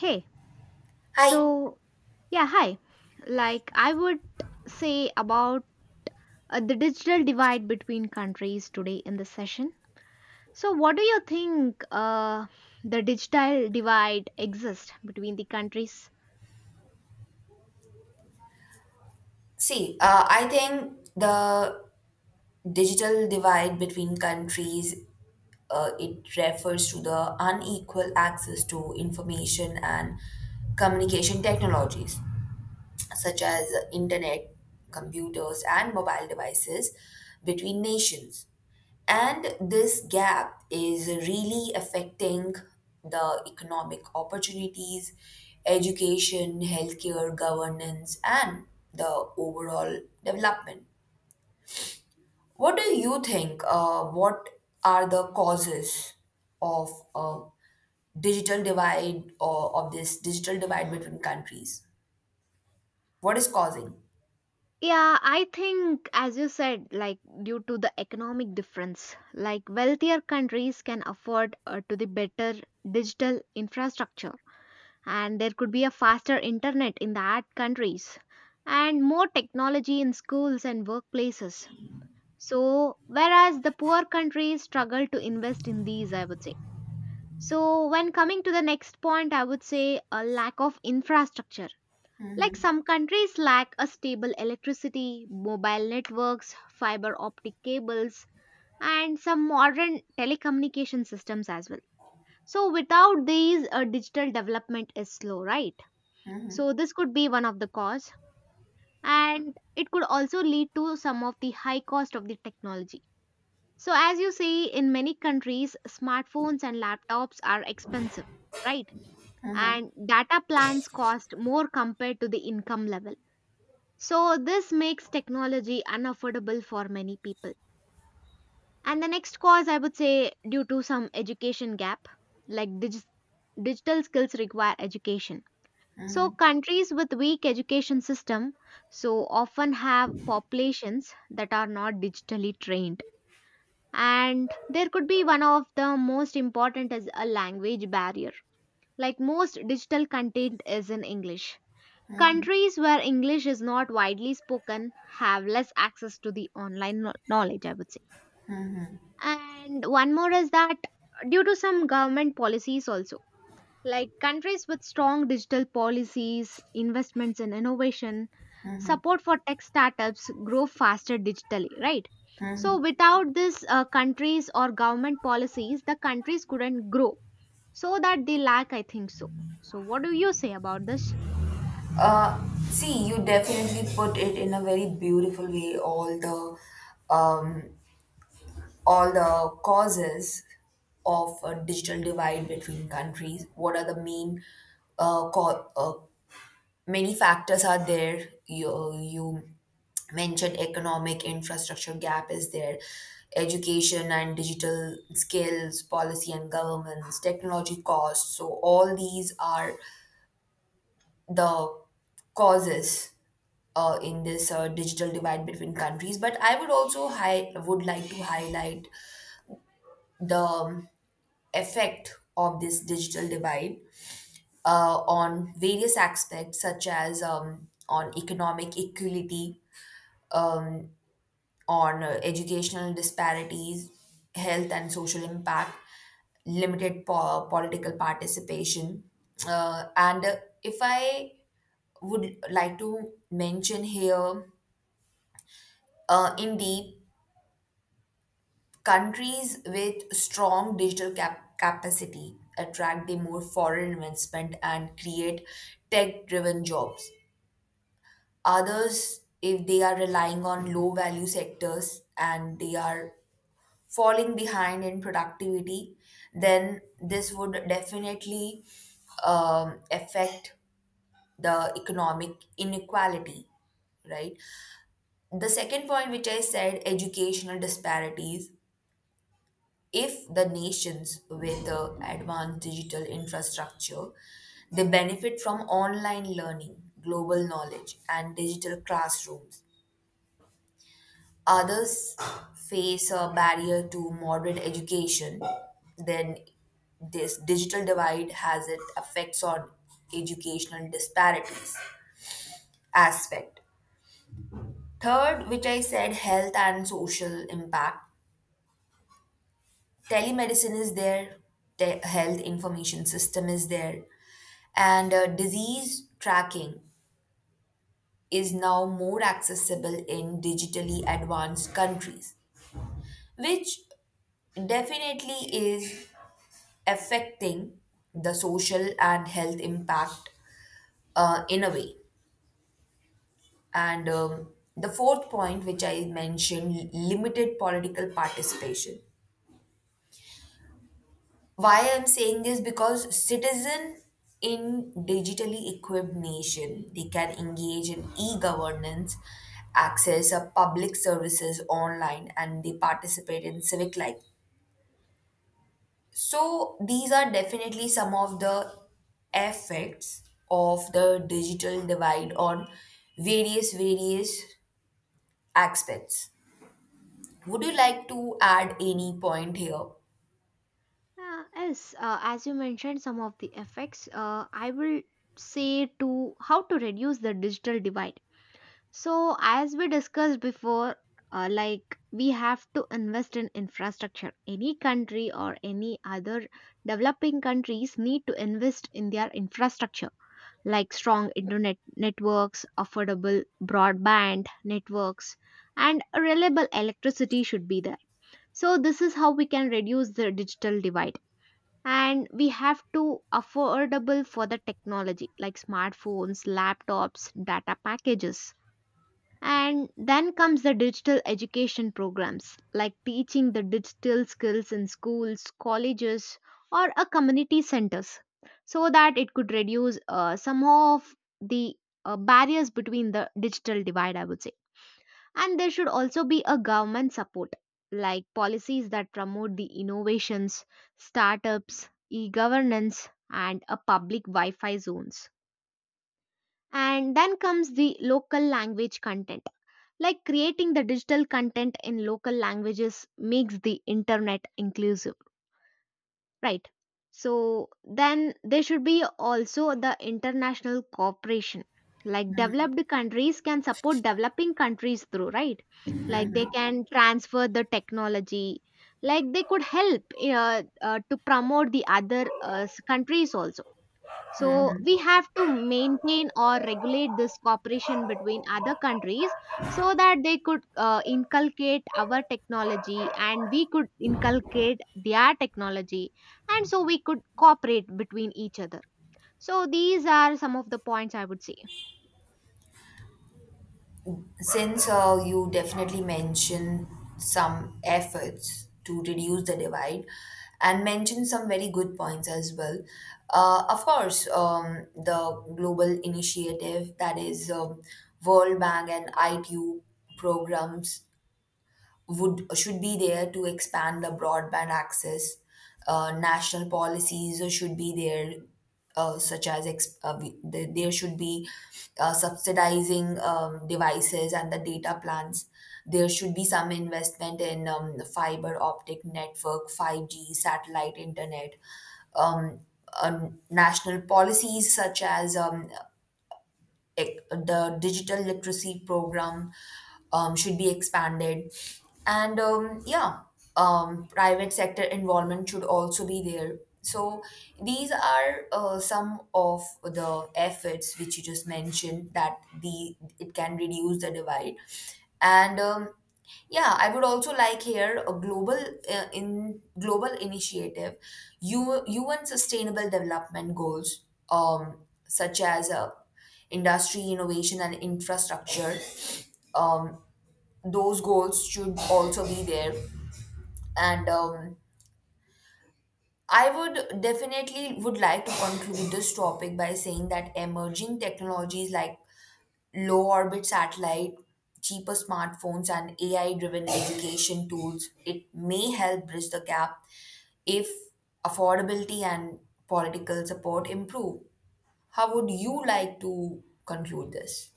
Hey, Hi. so yeah, hi. Like I would say about the digital divide between countries today in this session. So, what do you think the digital divide exists between the countries? See, I think the digital divide between countries, it refers to the unequal access to information and communication technologies, such as internet, computers, and mobile devices between nations. And this gap is really affecting the economic opportunities, education, healthcare, governance, and the overall development. What do you think? What are the causes of a digital divide or of this digital divide between countries? What is causing? Yeah, I think, as you said, like due to the economic difference, like wealthier countries can afford to the better digital infrastructure, and there could be a faster internet in that countries and more technology in schools and workplaces. So whereas the poor countries struggle to invest in these, I would say. So when coming to the next point, I would say a lack of infrastructure, like some countries lack a stable electricity, mobile networks, fiber optic cables, and some modern telecommunication systems as well. So without these, digital development is slow, right? So this could be one of the cause, and it could also lead to some of the high cost of the technology. So as you say, in many countries smartphones and laptops are expensive, right? And data plans cost more compared to the income level. So this makes technology unaffordable for many people. And the next cause I would say due to some education gap, like digital skills require education. So countries with weak education system so often have populations that are not digitally trained. And there could be one of the most important is a language barrier, like most digital content is in English. Countries where English is not widely spoken have less access to the online knowledge, I would say. And one more is that due to some government policies also, like countries with strong digital policies, investments in innovation, support for tech startups grow faster digitally, right? So, without these, countries or government policies, the countries couldn't grow. So, that they lack, I think so. So, what do you say about this? Uh, See, you definitely put it in a very beautiful way, all the causes of a digital divide between countries? What are the main uh, co- uh, many factors are there? You mentioned economic infrastructure gap is there, education and digital skills, policy and governments, technology costs. So all these are the causes in this digital divide between countries. But I would also would like to highlight the effect of this digital divide on various aspects, such as on economic equality, um, on educational disparities, health and social impact, limited political participation. And If I would like to mention here, in deep, countries with strong digital capacity attract the more foreign investment and create tech driven jobs. Others, if they are relying on low value sectors and they are falling behind in productivity, then this would definitely affect the economic inequality, right? The second point, which I said, educational disparities, if the nations with advanced digital infrastructure, they benefit from online learning, global knowledge and digital classrooms, others face a barrier to modern education, then this digital divide has its effects on educational disparities aspect. Third, which I said, health and social impact, telemedicine is there, health information system is there, and disease tracking is now more accessible in digitally advanced countries, which definitely is affecting the social and health impact in a way. And the fourth point, which I mentioned, limited political participation. Why I'm saying this, because citizen in digitally equipped nation, they can engage in e-governance, access a public services online, and they participate in civic life. So these are definitely some of the effects of the digital divide on various aspects. Would you like to add any point here? Yes, as you mentioned, some of the effects, I will say to how to reduce the digital divide. So, as we discussed before, like we have to invest in infrastructure. Any country or any other developing countries need to invest in their infrastructure, like strong internet networks, affordable broadband networks, and reliable electricity should be there. So, this is how we can reduce the digital divide. And we have to affordable for the technology like smartphones, laptops, data packages, and then comes the digital education programs like teaching the digital skills in schools, colleges, or a community centers, so that it could reduce some of the barriers between the digital divide, I would say. And there should also be a government support like policies that promote the innovations, startups, e governance, and a public Wi Fi zones, and then comes the local language content. Like creating the digital content in local languages makes the internet inclusive, right? So then there should be also the international cooperation. Like developed countries can support developing countries through, right? Like they can transfer the technology, like they could help to promote the other countries also. So we have to maintain or regulate this cooperation between other countries so that they could inculcate our technology and we could inculcate their technology, and so we could cooperate between each other. So these are some of the points I would say. Since you definitely mentioned some efforts to reduce the divide and mentioned some very good points as well. Of course, the global initiative, that is, World Bank and ITU programs would should be there to expand the broadband access. National policies should be there, such as there should be subsidizing devices and the data plans. There should be some investment in fiber optic network, 5G, satellite internet, um, national policies such as the digital literacy program should be expanded, and private sector involvement should also be there. So these are some of the efforts which you just mentioned, that the it can reduce the divide. and um, yeah, I would also like here a global, in global initiative, UN Sustainable Development Goals, um, such as industry innovation and infrastructure. Um, those goals should also be there, and I would definitely would like to conclude this topic by saying that emerging technologies like low orbit satellite, cheaper smartphones, and AI driven education tools, it may help bridge the gap if affordability and political support improve. How would you like to conclude this?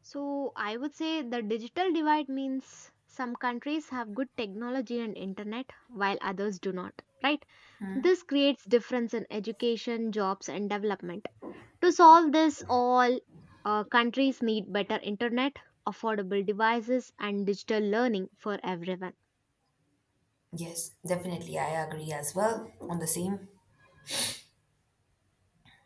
So I would say the digital divide means some countries have good technology and internet while others do not, right? This creates difference in education, jobs, and development. To solve this, all countries need better internet, affordable devices, and digital learning for everyone. Yes, definitely. I agree as well on the same.